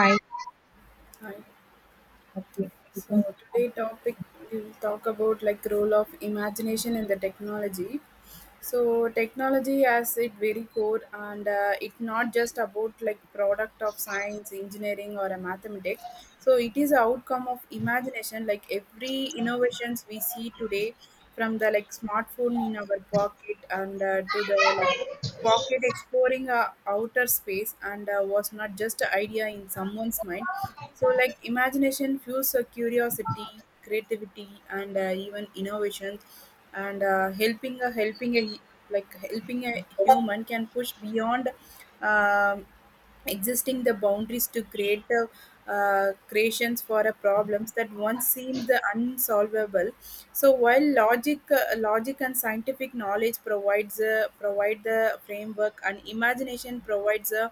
Hi. Hi. Okay, you can So start. today topic we'll talk about like role of imagination in the technology. So technology has it very core and it not just about like product of science, engineering or a mathematics. So it is a outcome of imagination like every innovations we see today from the like smartphone in our pocket and to the like pocket exploring outer space and was not just an idea in someone's mind, so like imagination fuels curiosity, creativity and even innovation and helping a human can push beyond um, existing the boundaries to create the creations for a problems that once seemed the unsolvable. So while logic logic and scientific knowledge provides provide the framework and imagination provides a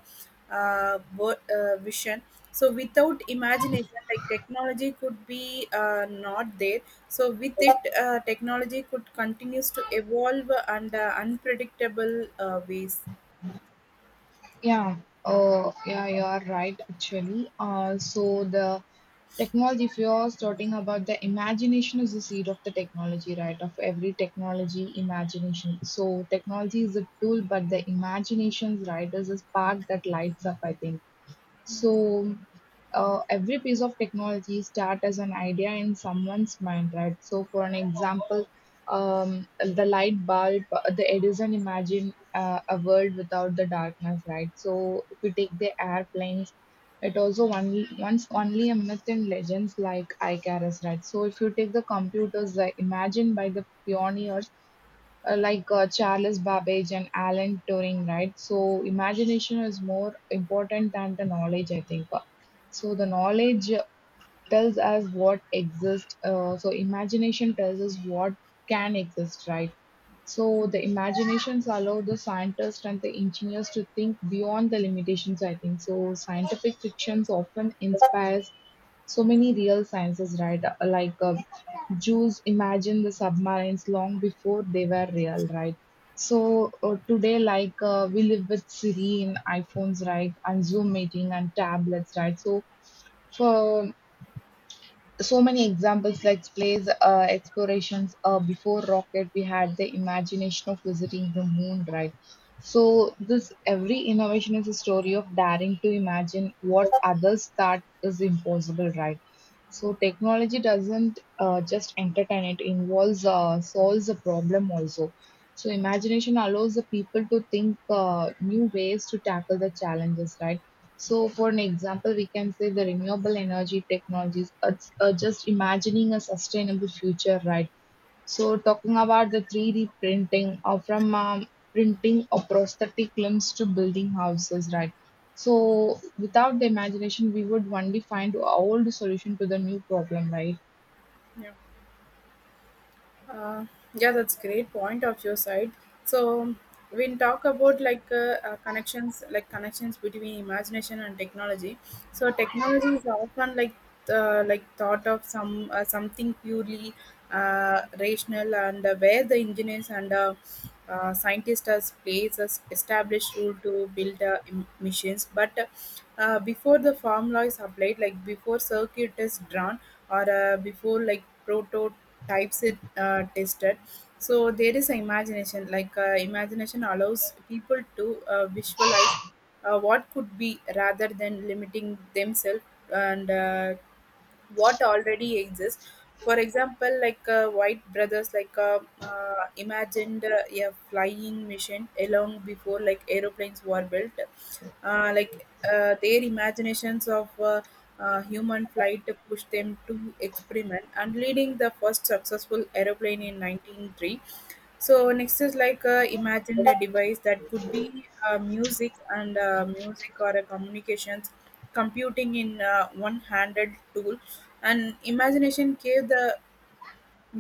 vision. So without imagination like technology could be not there. So with it technology could continues to evolve and unpredictable ways. Yeah. Oh, yeah, you are right, actually. So the technology, if you are starting about the imagination is the seed of the technology, right? Of every technology, imagination. So technology is a tool, but the imagination's right is a spark that lights up, I think. So every piece of technology start as an idea in someone's mind, right? So for an example, the light bulb, the Edison imagined a world without the darkness, right? So if you take the airplanes, it also only once only a myth in legends like Icarus, right? So if you take the computers imagined by the pioneers like Charles Babbage and Alan Turing, right? So imagination is more important than the knowledge, I think. So the knowledge tells us what exists. So imagination tells us what can exist, right? So the imaginations allow the scientists and the engineers to think beyond the limitations, I think. So scientific fictions often inspires so many real sciences, right? Like Jews imagined the submarines long before they were real, right? So today, we live with Siri in iPhones, right, and Zoom meeting and tablets, right? So for so many examples like space explorations before rocket we had the imagination of visiting the moon, right. So this every innovation is a story of daring to imagine what others thought is impossible, right. So technology doesn't just entertain, it involves solves a problem also. So imagination allows the people to think new ways to tackle the challenges, right. So, for an example, we can say the renewable energy technologies are just imagining a sustainable future, right? So, talking about the 3D printing or from printing of prosthetic limbs to building houses, right? So, without the imagination, we would only find old solution to the new problem, right? Yeah. Uh, yeah, that's great point of your side. So when talk about like connections, like connections between imagination and technology. So technology is often like thought of some something purely rational and where the engineers and scientists as plays as established rule to build machines. But before the formula is applied, like before circuit is drawn or before like prototype types it tested. So there is imagination like imagination allows people to visualize what could be rather than limiting themselves and what already exists. For example like white brothers like imagined a flying machine along before like aeroplanes were built. uh, like their imaginations of human flight pushed them to experiment and leading the first successful aeroplane in 1903. So next is like imagined a device that could be music and music or a communications computing in one-handed tool, and imagination gave the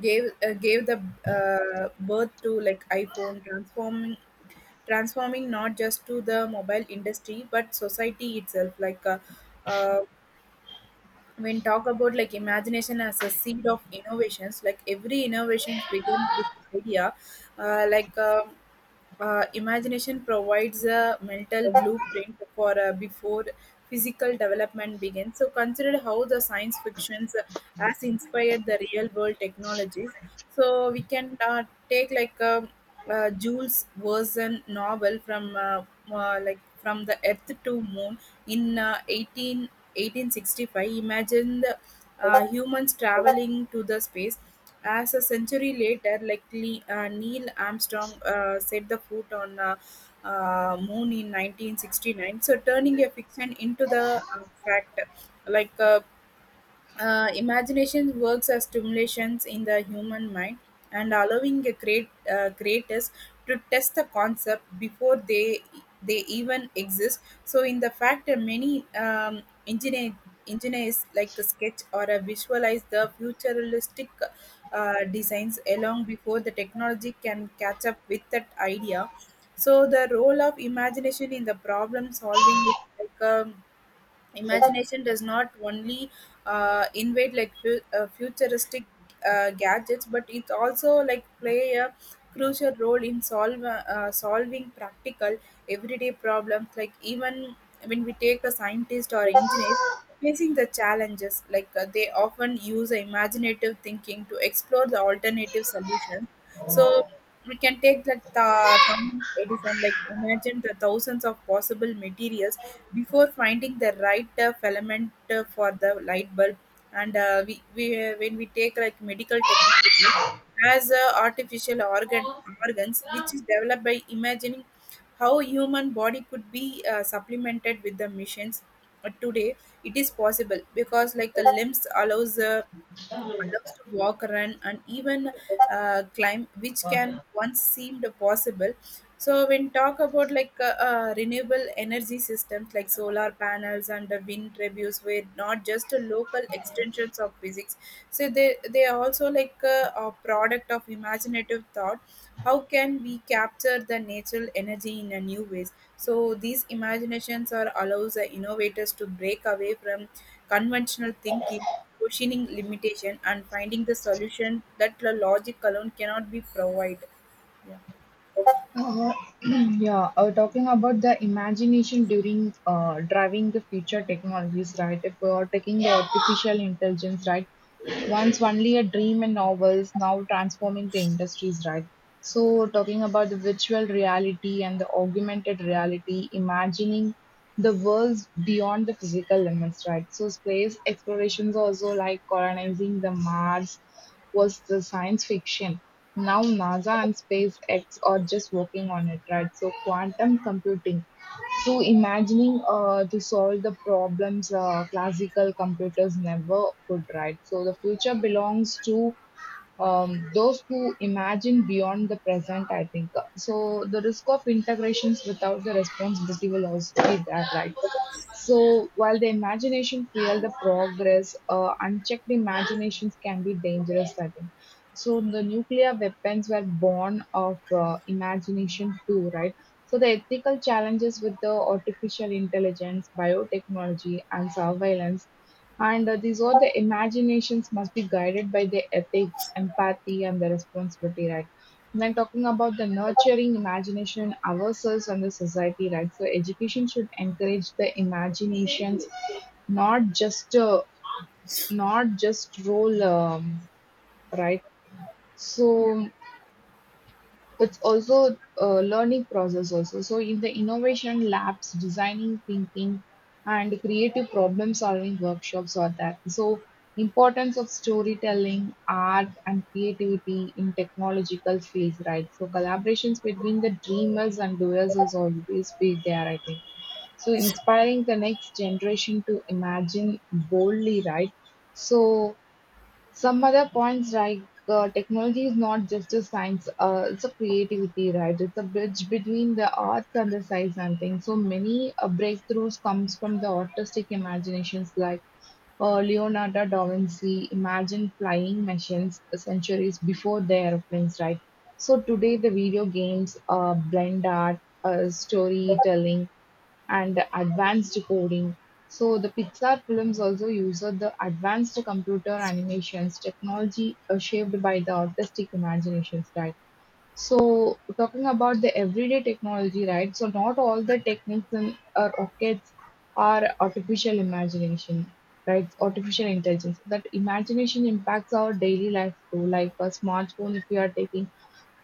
gave uh, gave the birth to like iPhone, transforming not just to the mobile industry but society itself. Uh, when talk about like imagination as a seed of innovations, like every innovations begin with idea. uh, like um Imagination provides a mental blueprint for before physical development begins. So consider how the science fictions has inspired the real world technologies. So we can take like Jules Verne novel from like from the Earth to Moon in 1865. Imagine the humans traveling to the space. As a century later, like Neil Armstrong set the foot on moon in 1969, so turning a fiction into the fact. Like uh, Imagination works as stimulations in the human mind and allowing a creators to test the concept before they even exist. So in the fact, many engineers like a sketch or a visualize the futuristic designs along before the technology can catch up with that idea. So the role of imagination in the problem solving is like a imagination does not only invade like futuristic gadgets, but it also like play a crucial role in solving practical everyday problems. Like even when we take a scientist or engineers facing the challenges, like they often use imaginative thinking to explore the alternative solutions. So we can take like, Thomas Edison, like imagine the thousands of possible materials before finding the right filament for the light bulb. And we when we take like medical technology as artificial organs which is developed by imagining how human body could be supplemented with the machines. But today it is possible because like the limbs allows loves to walk, run, and even climb, which can once seemed possible. So when talk about like renewable energy systems like solar panels and the wind turbines were not just a local extensions of physics. So they are also like a product of imaginative thought. How can we capture the natural energy in a new ways? So these imaginations are allows the innovators to break away from conventional thinking, questioning limitation, and finding the solution that the logic alone cannot be provide. Uh, yeah, talking about the imagination during driving the future technologies, right? If we are taking the artificial intelligence, right? Once only a dream and novels, now transforming the industries, right? So, talking about the virtual reality and the augmented reality, imagining the worlds beyond the physical limits, right? So, space explorations also like colonizing the Mars was the science fiction. Now Nasa and SpaceX are just working on it, right? So quantum computing. So imagining to solve the problems classical computers never could, right? So the future belongs to those who imagine beyond the present, I think. So the risk of integrations without the responsibility will also be there, right? So while the imagination fuel the progress, unchecked imaginations can be dangerous, I think. So the nuclear weapons were born of imagination too, right? So the ethical challenges with the artificial intelligence, biotechnology, and surveillance, and these all the imaginations must be guided by the ethics, empathy, and the responsibility, right? When talking about the nurturing imagination in ourselves and the society, right? So education should encourage the imaginations, not just uh, not just role, right? So it's also a learning process also. So in the innovation labs designing thinking and creative problem solving workshops are there. So importance of storytelling art and creativity in technological fields, right. So collaborations between the dreamers and doers is always be there, I think. So inspiring the next generation to imagine boldly, right. So some other points like technology is not just a science, it's a creativity, right? It's a bridge between the arts and the science and things. So many breakthroughs comes from the artistic imaginations like Leonardo da Vinci imagined flying machines centuries before the airplanes, right? So today the video games, blend art, storytelling, and advanced coding. So the Pixar films also used the advanced computer animations technology shaped by the artistic imagination style. So talking about the everyday technology, right? So not all the techniques in our rockets are artificial imagination, right? Artificial intelligence. That imagination impacts our daily life too, like a smartphone. If we are taking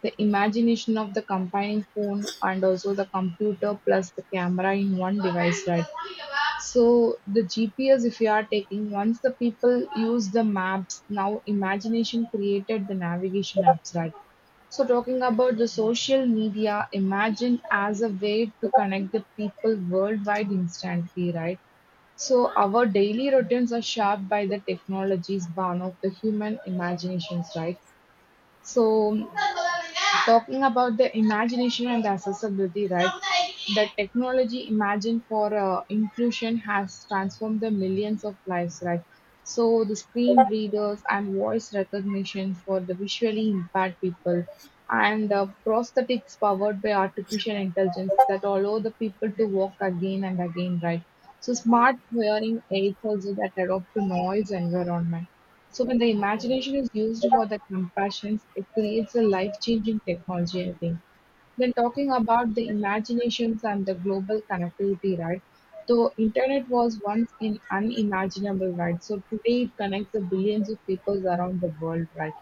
the imagination of the combining phone and also the computer plus the camera in one device, right? So the GPS, if you are taking, once the people use the maps, now imagination created the navigation apps, right? So talking about the social media, imagine as a way to connect the people worldwide instantly, right? So our daily routines are shaped by the technologies born of the human imaginations, right? So, talking about the imagination and the accessibility, right? The technology imagined for inclusion has transformed the millions of lives, right? So, the screen readers and voice recognition for the visually impaired people, and prosthetics powered by artificial intelligence that allow the people to walk again and again, right? So, smart hearing aids also that adopt to noise environment. So when the imagination is used for the compassion, it creates a life-changing technology, I think. Then talking about the imaginations and the global connectivity, right? So internet was once in unimaginable, right? So today it connects the billions of people around the world, right?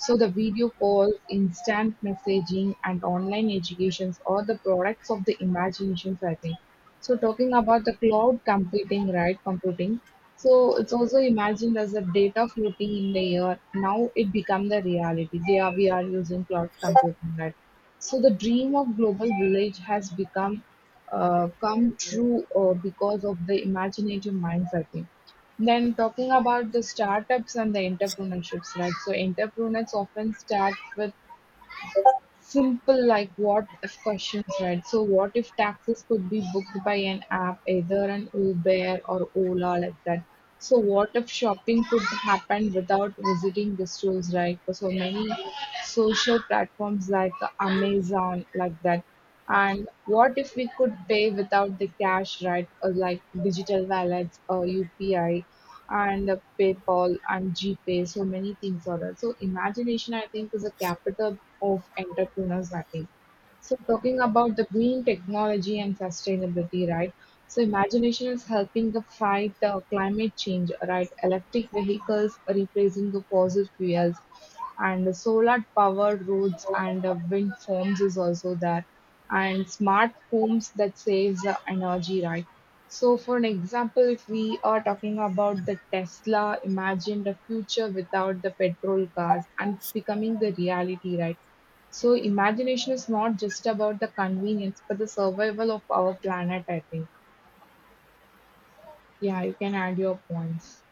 So the video calls, instant messaging, and online educations are the products of the imaginations, I think. So talking about the cloud computing, right? Computing. So it's also imagined as a data floating in the air. Now it become the reality. We are using cloud computing, right? So the dream of global village has become come true because of the imaginative minds, I think. Then talking about the startups and the entrepreneurships, right? So entrepreneurs often start with simple like what if questions, right? So what if taxes could be booked by an app, either an Uber or Ola like that? So what if shopping could happen without visiting the stores, right? So many social platforms like Amazon like that. And what if we could pay without the cash, right? Or like digital wallets or UPI and PayPal and GPay, so many things are there. So imagination, I think, is a capital of entrepreneurs, I think. So talking about the green technology and sustainability, right? So imagination is helping the fight the climate change, right? Electric vehicles replacing the fossil fuels, and the solar powered roads and the wind farms is also there, and smart homes that saves the energy, right? So for an example, if we are talking about the Tesla, imagine the future without the petrol cars, and it's becoming the reality, right? So imagination is not just about the convenience, but the survival of our planet, I think. Yeah, you can add your points.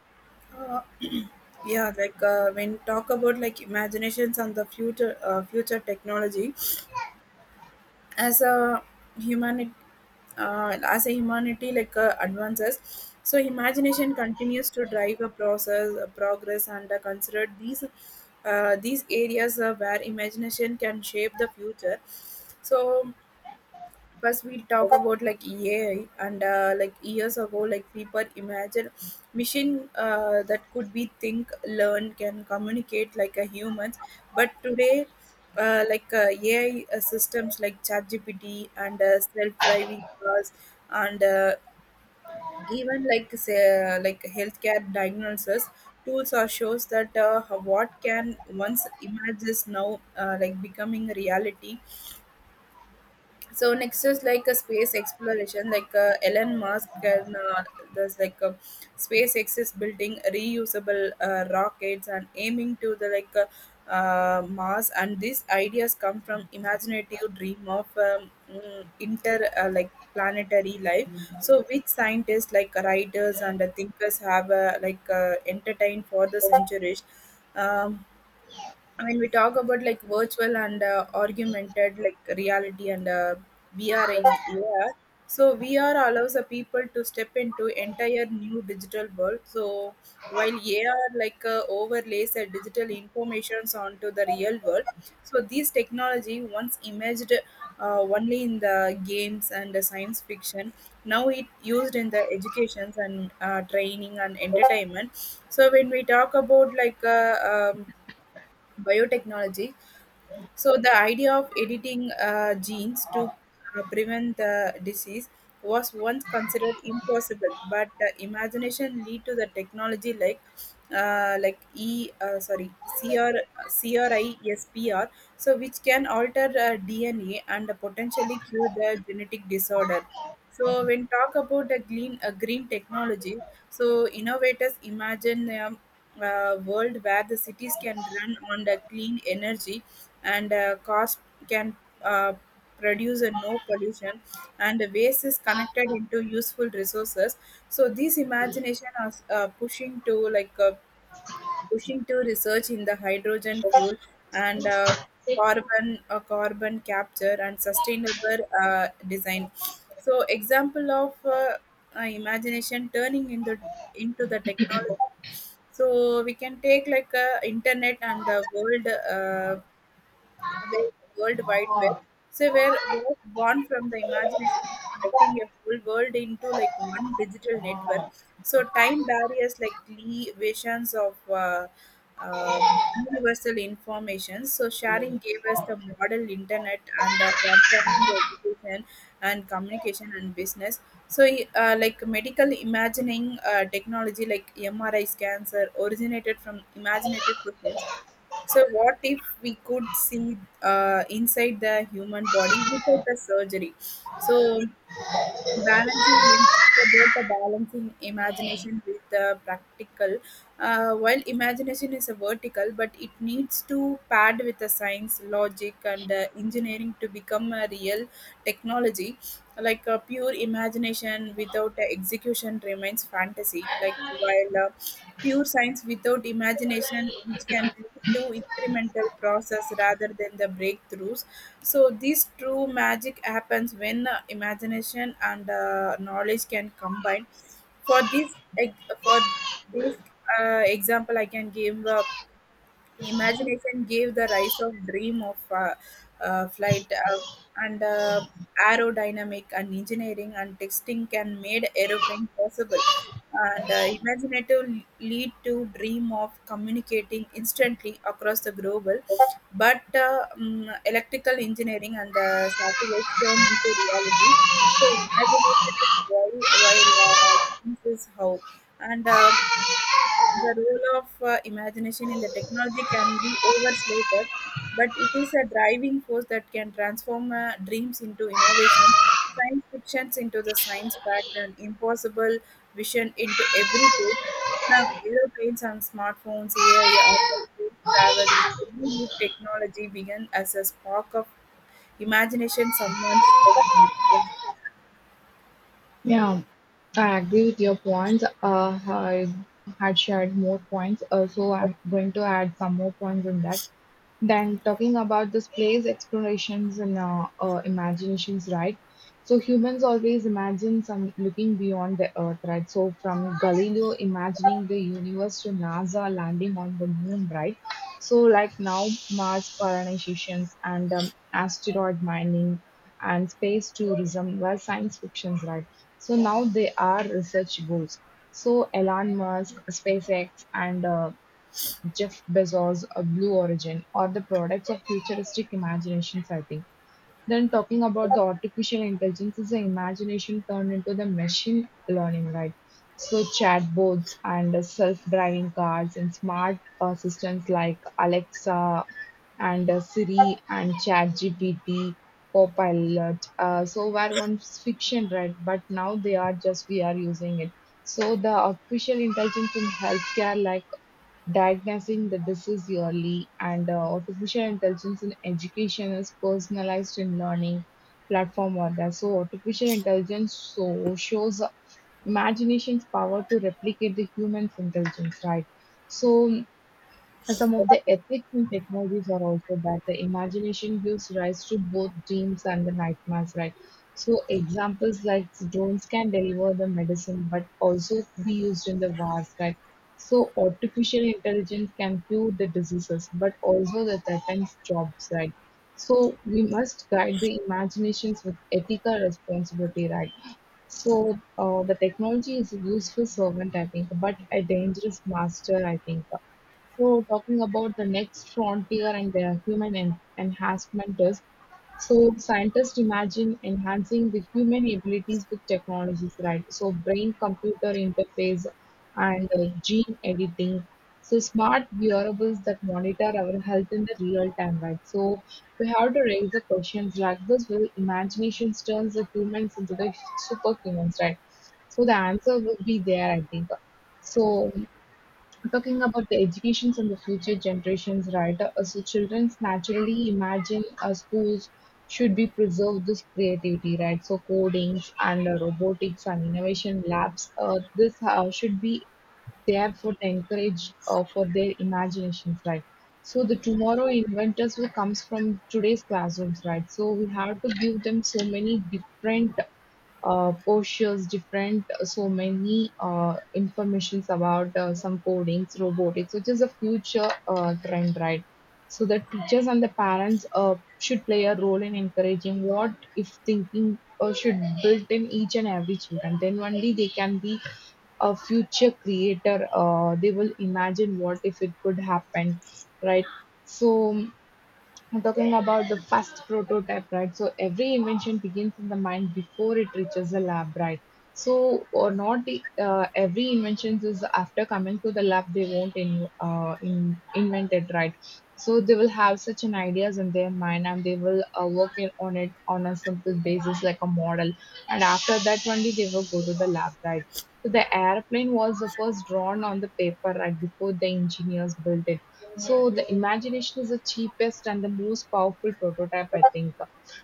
Uh, yeah, when talk about like imaginations and the future future technology as a humanity like advances. So imagination continues to drive a process a progress and considered these areas where imagination can shape the future. So first we talk about like AI and like years ago like people imagine machine that could be think learn can communicate like a humans. But today AI systems like ChatGPT and self-driving cars and even like say, like healthcare diagnosis tools or shows that what can once images now like becoming a reality. So next is like a space exploration, like Elon Musk and there's like a SpaceX is building reusable rockets and aiming to the like Mars, and these ideas come from imaginative dream of inter like planetary life, so which scientists like writers and thinkers have entertained for the centuries. um, when we talk about like virtual and augmented like reality and VR and AR, so VR allows the people to step into entire new digital world. So while AR like overlays the digital informations onto the real world, so this technology once imaged only in the games and the science fiction, now it used in the educations and training and entertainment. So when we talk about like biotechnology. So the idea of editing genes to prevent the disease was once considered impossible, but the imagination lead to the technology like E sorry CRISPR, so which can alter DNA and potentially cure the genetic disorder. So when talk about the green green technology, so innovators imagine a world where the cities can run on the clean energy and cost can uh, produce a no pollution and the waste is connected into useful resources. So these imagination are pushing to research in the hydrogen fuel and carbon capture and sustainable design. So example of imagination turning into the technology. So we can take like internet and the world away the World Wide Web. So we're was born from the imagination of connecting a whole world into like one digital network. So time barriers like deletions of uh, universal information. So sharing gave us the model internet and transforming the education and communication and business. So like medical imagining technology like MRI scans are originated from imaginative process, so what if we could see inside the human body without the surgery? So, balancing when talk about the balancing imagination with the practical, while imagination is a vertical but it needs to pad with the science logic and engineering to become a real technology. Like a pure imagination without execution remains fantasy, like while pure science without imagination which can lead to incremental process rather than the breakthroughs. So this true magic happens when imagination and knowledge can combine. For this, this example, I can give. Imagination gave the rise of dream of flight and aerodynamic and engineering and texting can made aeroplane possible. And imaginative lead to dream of communicating instantly across the global. But electrical engineering and the satellites turn into reality. So imagination is why, while science is how. And the role of imagination in the technology can be overstated, but it is a driving force that can transform dreams into innovation, science fictions into the science fact, and impossible vision into every case. Now, aeroplanes and smartphones, AI, or space travel, is every new technology began as a spark of imagination someone's. Yeah. Yeah, I agree with your points. I had shared more points, so I'm going to add some more points in that. Then talking about this place explorations and imaginations, right? So humans always imagine some looking beyond the earth, right? So from Galileo imagining the universe to NASA landing on the moon, right? So like now Mars colonizations and asteroid mining and space tourism were science fictions, right? So now they are research goals. So Elon Musk, SpaceX, and Jeff Bezos or Blue Origin are the products of futuristic imaginations, I think. Then talking about the artificial intelligence is the imagination turned into the machine learning, right? So chatbots and self-driving cars and smart assistants like Alexa and Siri and ChatGPT, Copilot. So were once fiction, right? But now they are just we are using it. So the artificial intelligence in healthcare, like diagnosing the disease early, and artificial intelligence in education is personalized in learning platform or that. So artificial intelligence so shows imagination's power to replicate the human's intelligence, right? So and some of the ethics in technologies are also that the imagination gives rise to both dreams and the nightmares, right? So examples like drones can deliver the medicine, but also be used in the wars, right? So artificial intelligence can cure the diseases, but also the threatens jobs, right? So we must guide the imaginations with ethical responsibility, right? So the technology is a useful servant, I think, but a dangerous master, I think. So talking about the next frontier and the human enhancement is, so scientists imagine enhancing the human abilities with technologies, right? So brain-computer interface and gene editing. So smart wearables that monitor our health in the real time, right? So we have to raise the questions like this: Will imagination turns the humans into the superhumans, right? So the answer will be there, I think. So talking about the educations and the future generations, right? So children naturally imagine schools should be preserved this creativity, right? So codings and robotics and innovation labs, this should be there for the encourage for their imaginations, right? So the tomorrow inventors will comes from today's classrooms, right? So we have to give them so many different postures, different so many informations about some codings, robotics, which is a future trend, right? So the teachers and the parents should play a role in encouraging what if thinking should built in each and every children. Then only they can be a future creator. They will imagine what if it could happen, right? So I'm talking about the first prototype, right? So every invention begins in the mind before it reaches the lab, right? So, or not every invention is after coming to the lab, they won't invent it, right? So they will have such an ideas in their mind and they will work on it on a simple basis like a model. And after that only they will go to the lab, right? So the airplane was the first drawn on the paper right before the engineers built it, so the imagination is the cheapest and the most powerful prototype, I think.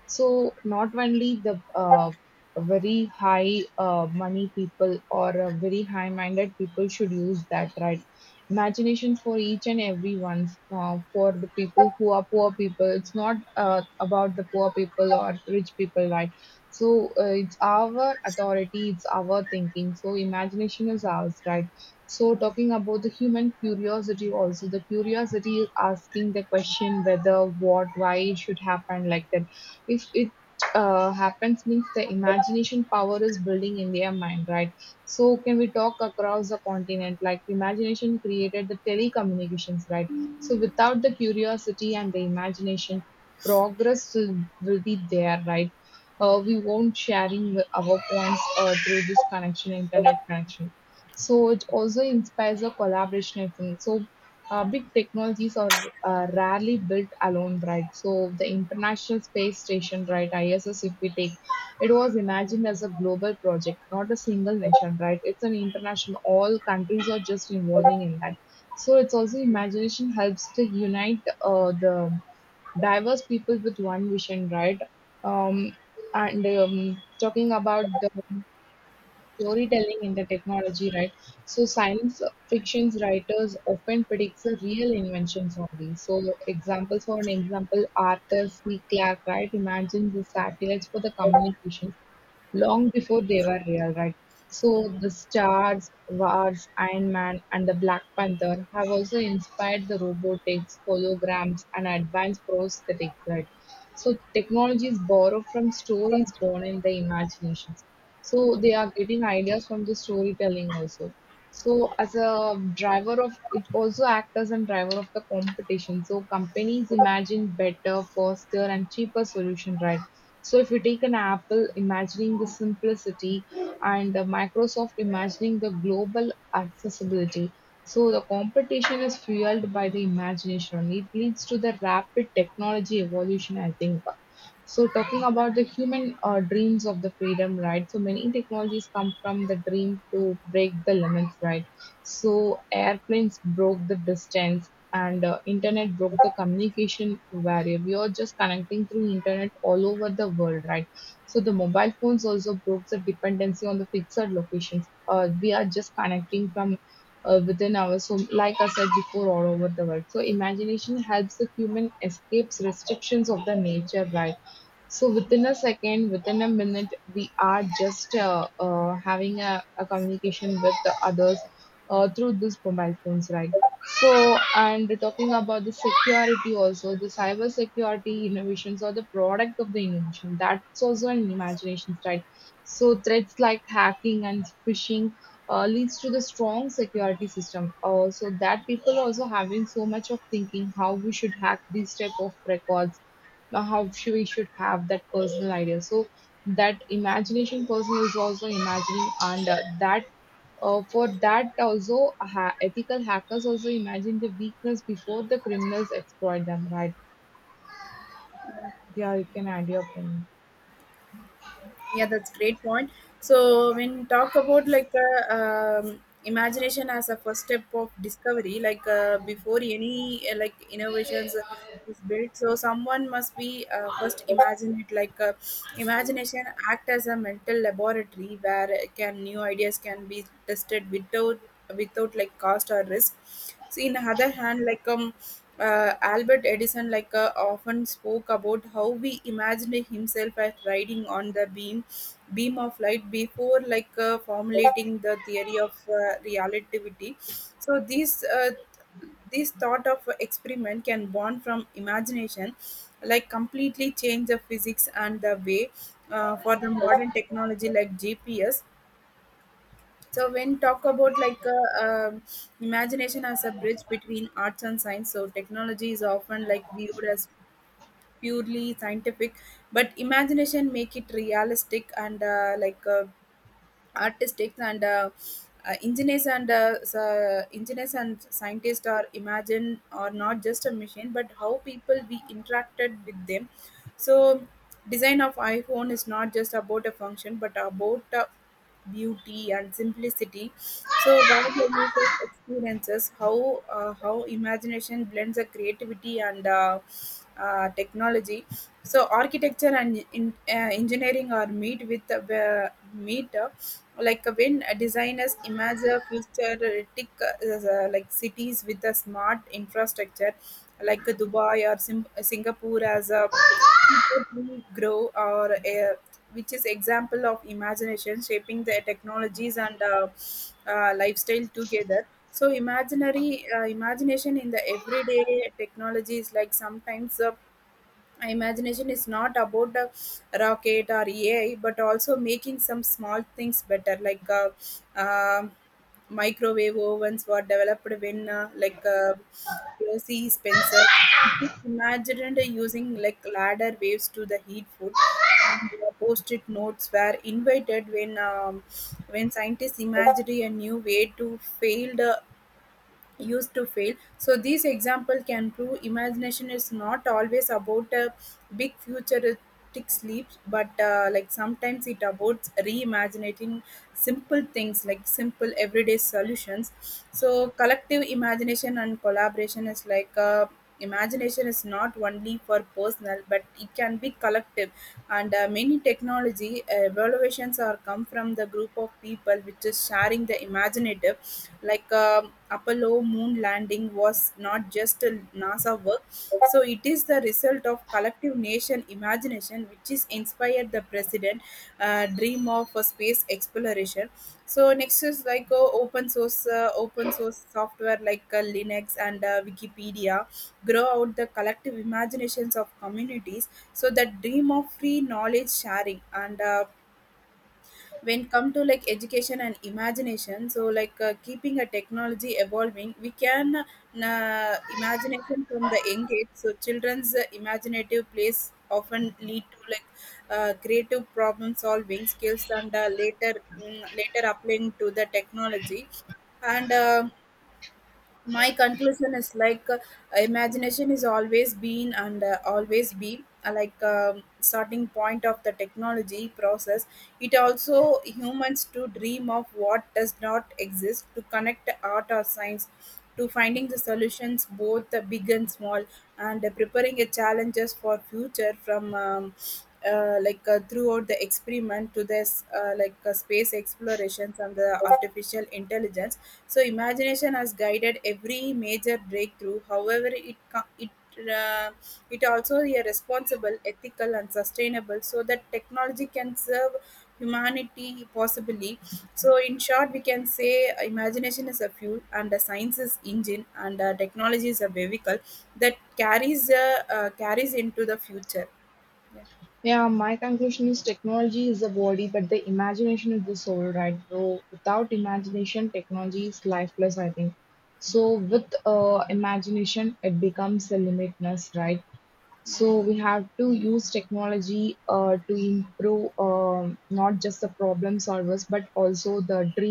So not only the very high money people or very high minded people should use that, right? Imagination for each and every one. For the people who are poor people, it's not about the poor people or rich people, right? So it's our authority, it's our thinking. So imagination is ours, right? So talking about the human curiosity also, the curiosity is asking the question whether, what, why it should happen like that. If it happens means the imagination power is building in their mind, right? So can we talk across the continent? Like imagination created the telecommunications, right? So without the curiosity and the imagination, progress will be there, right? We won't sharing our points through this connection, internet connection. So it also inspires a collaborationism. So big technologies are rarely built alone, right? So the International Space Station, right, ISS, if we take, it was imagined as a global project, not a single nation, right? It's an international. All countries are just involving in that. So it's also imagination helps to unite the diverse people with one vision, right? Um, and talking about the storytelling in the technology, right? So science fictions writers often predicts the real inventions only. So examples for an example, Arthur C. Clarke, right, imagines the satellites for the communications long before they were real, right? So the Stars, Wars, Iron Man, and the Black Panther have also inspired the robotics, holograms, and advanced prosthetics, right? So technologies borrowed from stories born in the imaginations. So they are getting ideas from the storytelling also. So as a driver of, it also act as a driver of the competition. So companies imagine better, faster, and cheaper solution, right? So if you take an Apple imagining the simplicity and Microsoft imagining the global accessibility. So the competition is fueled by the imagination. It leads to the rapid technology evolution, I think. So talking about the human dreams of the freedom, right? So many technologies come from the dream to break the limits, right? So airplanes broke the distance and internet broke the communication barrier. We are just connecting through internet all over the world, right? So the mobile phones also broke the dependency on the fixed locations. We are just connecting from within ours. So, like I said before, all over the world. So, imagination helps the human escapes restrictions of the nature, right? So within a second, within a minute, we are just having a communication with the others through these mobile phones, right? So, and talking about the security also, the cyber security innovations or the product of the innovation, that's also an imagination, right? So threats like hacking and phishing leads to the strong security system. So that people also having so much of thinking how we should hack these type of records now how should we should have that personal idea so that imagination person is also imagining and that for that also ethical hackers also imagine the weakness before the criminals exploit them, right? Yeah, you can add your point. Yeah, that's great point. So when you talk about like imagination as a first step of discovery, like before any like innovations is built. So someone must be first imagine it like imagination act as a mental laboratory where it can new ideas can be tested without like cost or risk. So in other hand, albert edison like often spoke about how we imagined himself as riding on the beam of light before like formulating the theory of relativity. So these this thought of experiment can born from imagination, like completely change the physics and the way for the modern technology like GPS. So when talk about imagination as a bridge between arts and science, so technology is often like viewed as purely scientific, but imagination make it realistic and artists and engineers and engineers and scientists are imagine are not just a machine but how people we interacted with them. So design of iphone is not just about a function but about beauty and simplicity. So what the users experiences, how imagination blends the creativity and technology. So architecture and engineering are meet with meet like when designers imagine a futuristic like cities with a smart infrastructure like dubai or singapore as a people will grow or a, which is example of imagination shaping the technologies and lifestyle together. So imaginary imagination in the everyday technologies like sometimes imagination is not about a rocket or AI, but also making some small things better, like um microwave ovens were developed when O.C. Spencer imagined using like ladder waves to the heat food. And post-it notes were invented when scientists imagined a new way to failed used to fail. So this example can prove imagination is not always about a big futuristic leaps, but like sometimes it about reimagining simple things like simple everyday solutions. So collective imagination and collaboration is like. Imagination is not only for personal but it can be collective, and many technology evaluations are come from the group of people which is sharing the imaginative like um Apollo moon landing was not just a NASA work, so it is the result of collective nation imagination, which is inspired the president dream of a space exploration. So next is like open source software like Linux and Wikipedia grow out the collective imaginations of communities. So that dream of free knowledge sharing and. When come to like education and imagination, so like keeping a technology evolving, we can imagination from the young age. So children's imaginative plays often lead to like creative problem solving skills and later later applying to the technology. And My conclusion is like imagination is always been and always be starting point of the technology process. It also humans to dream of what does not exist, to connect art or science, to finding the solutions both the big and small, and preparing a challenges for future from throughout the experiment to this space explorations and the artificial intelligence. So imagination has guided every major breakthrough, however it uh, it also is responsible ethical and sustainable so that technology can serve humanity possibly. So in short we can say imagination is a fuel and the science is engine and technology is a vehicle that carries carries into the future. Yeah. Yeah, my conclusion is technology is the body, but the imagination is the soul, right? So without imagination, technology is lifeless, I think. So with imagination, it becomes a limitless, right? So Yeah. we have to use technology to improve not just the problem solvers, but also the dream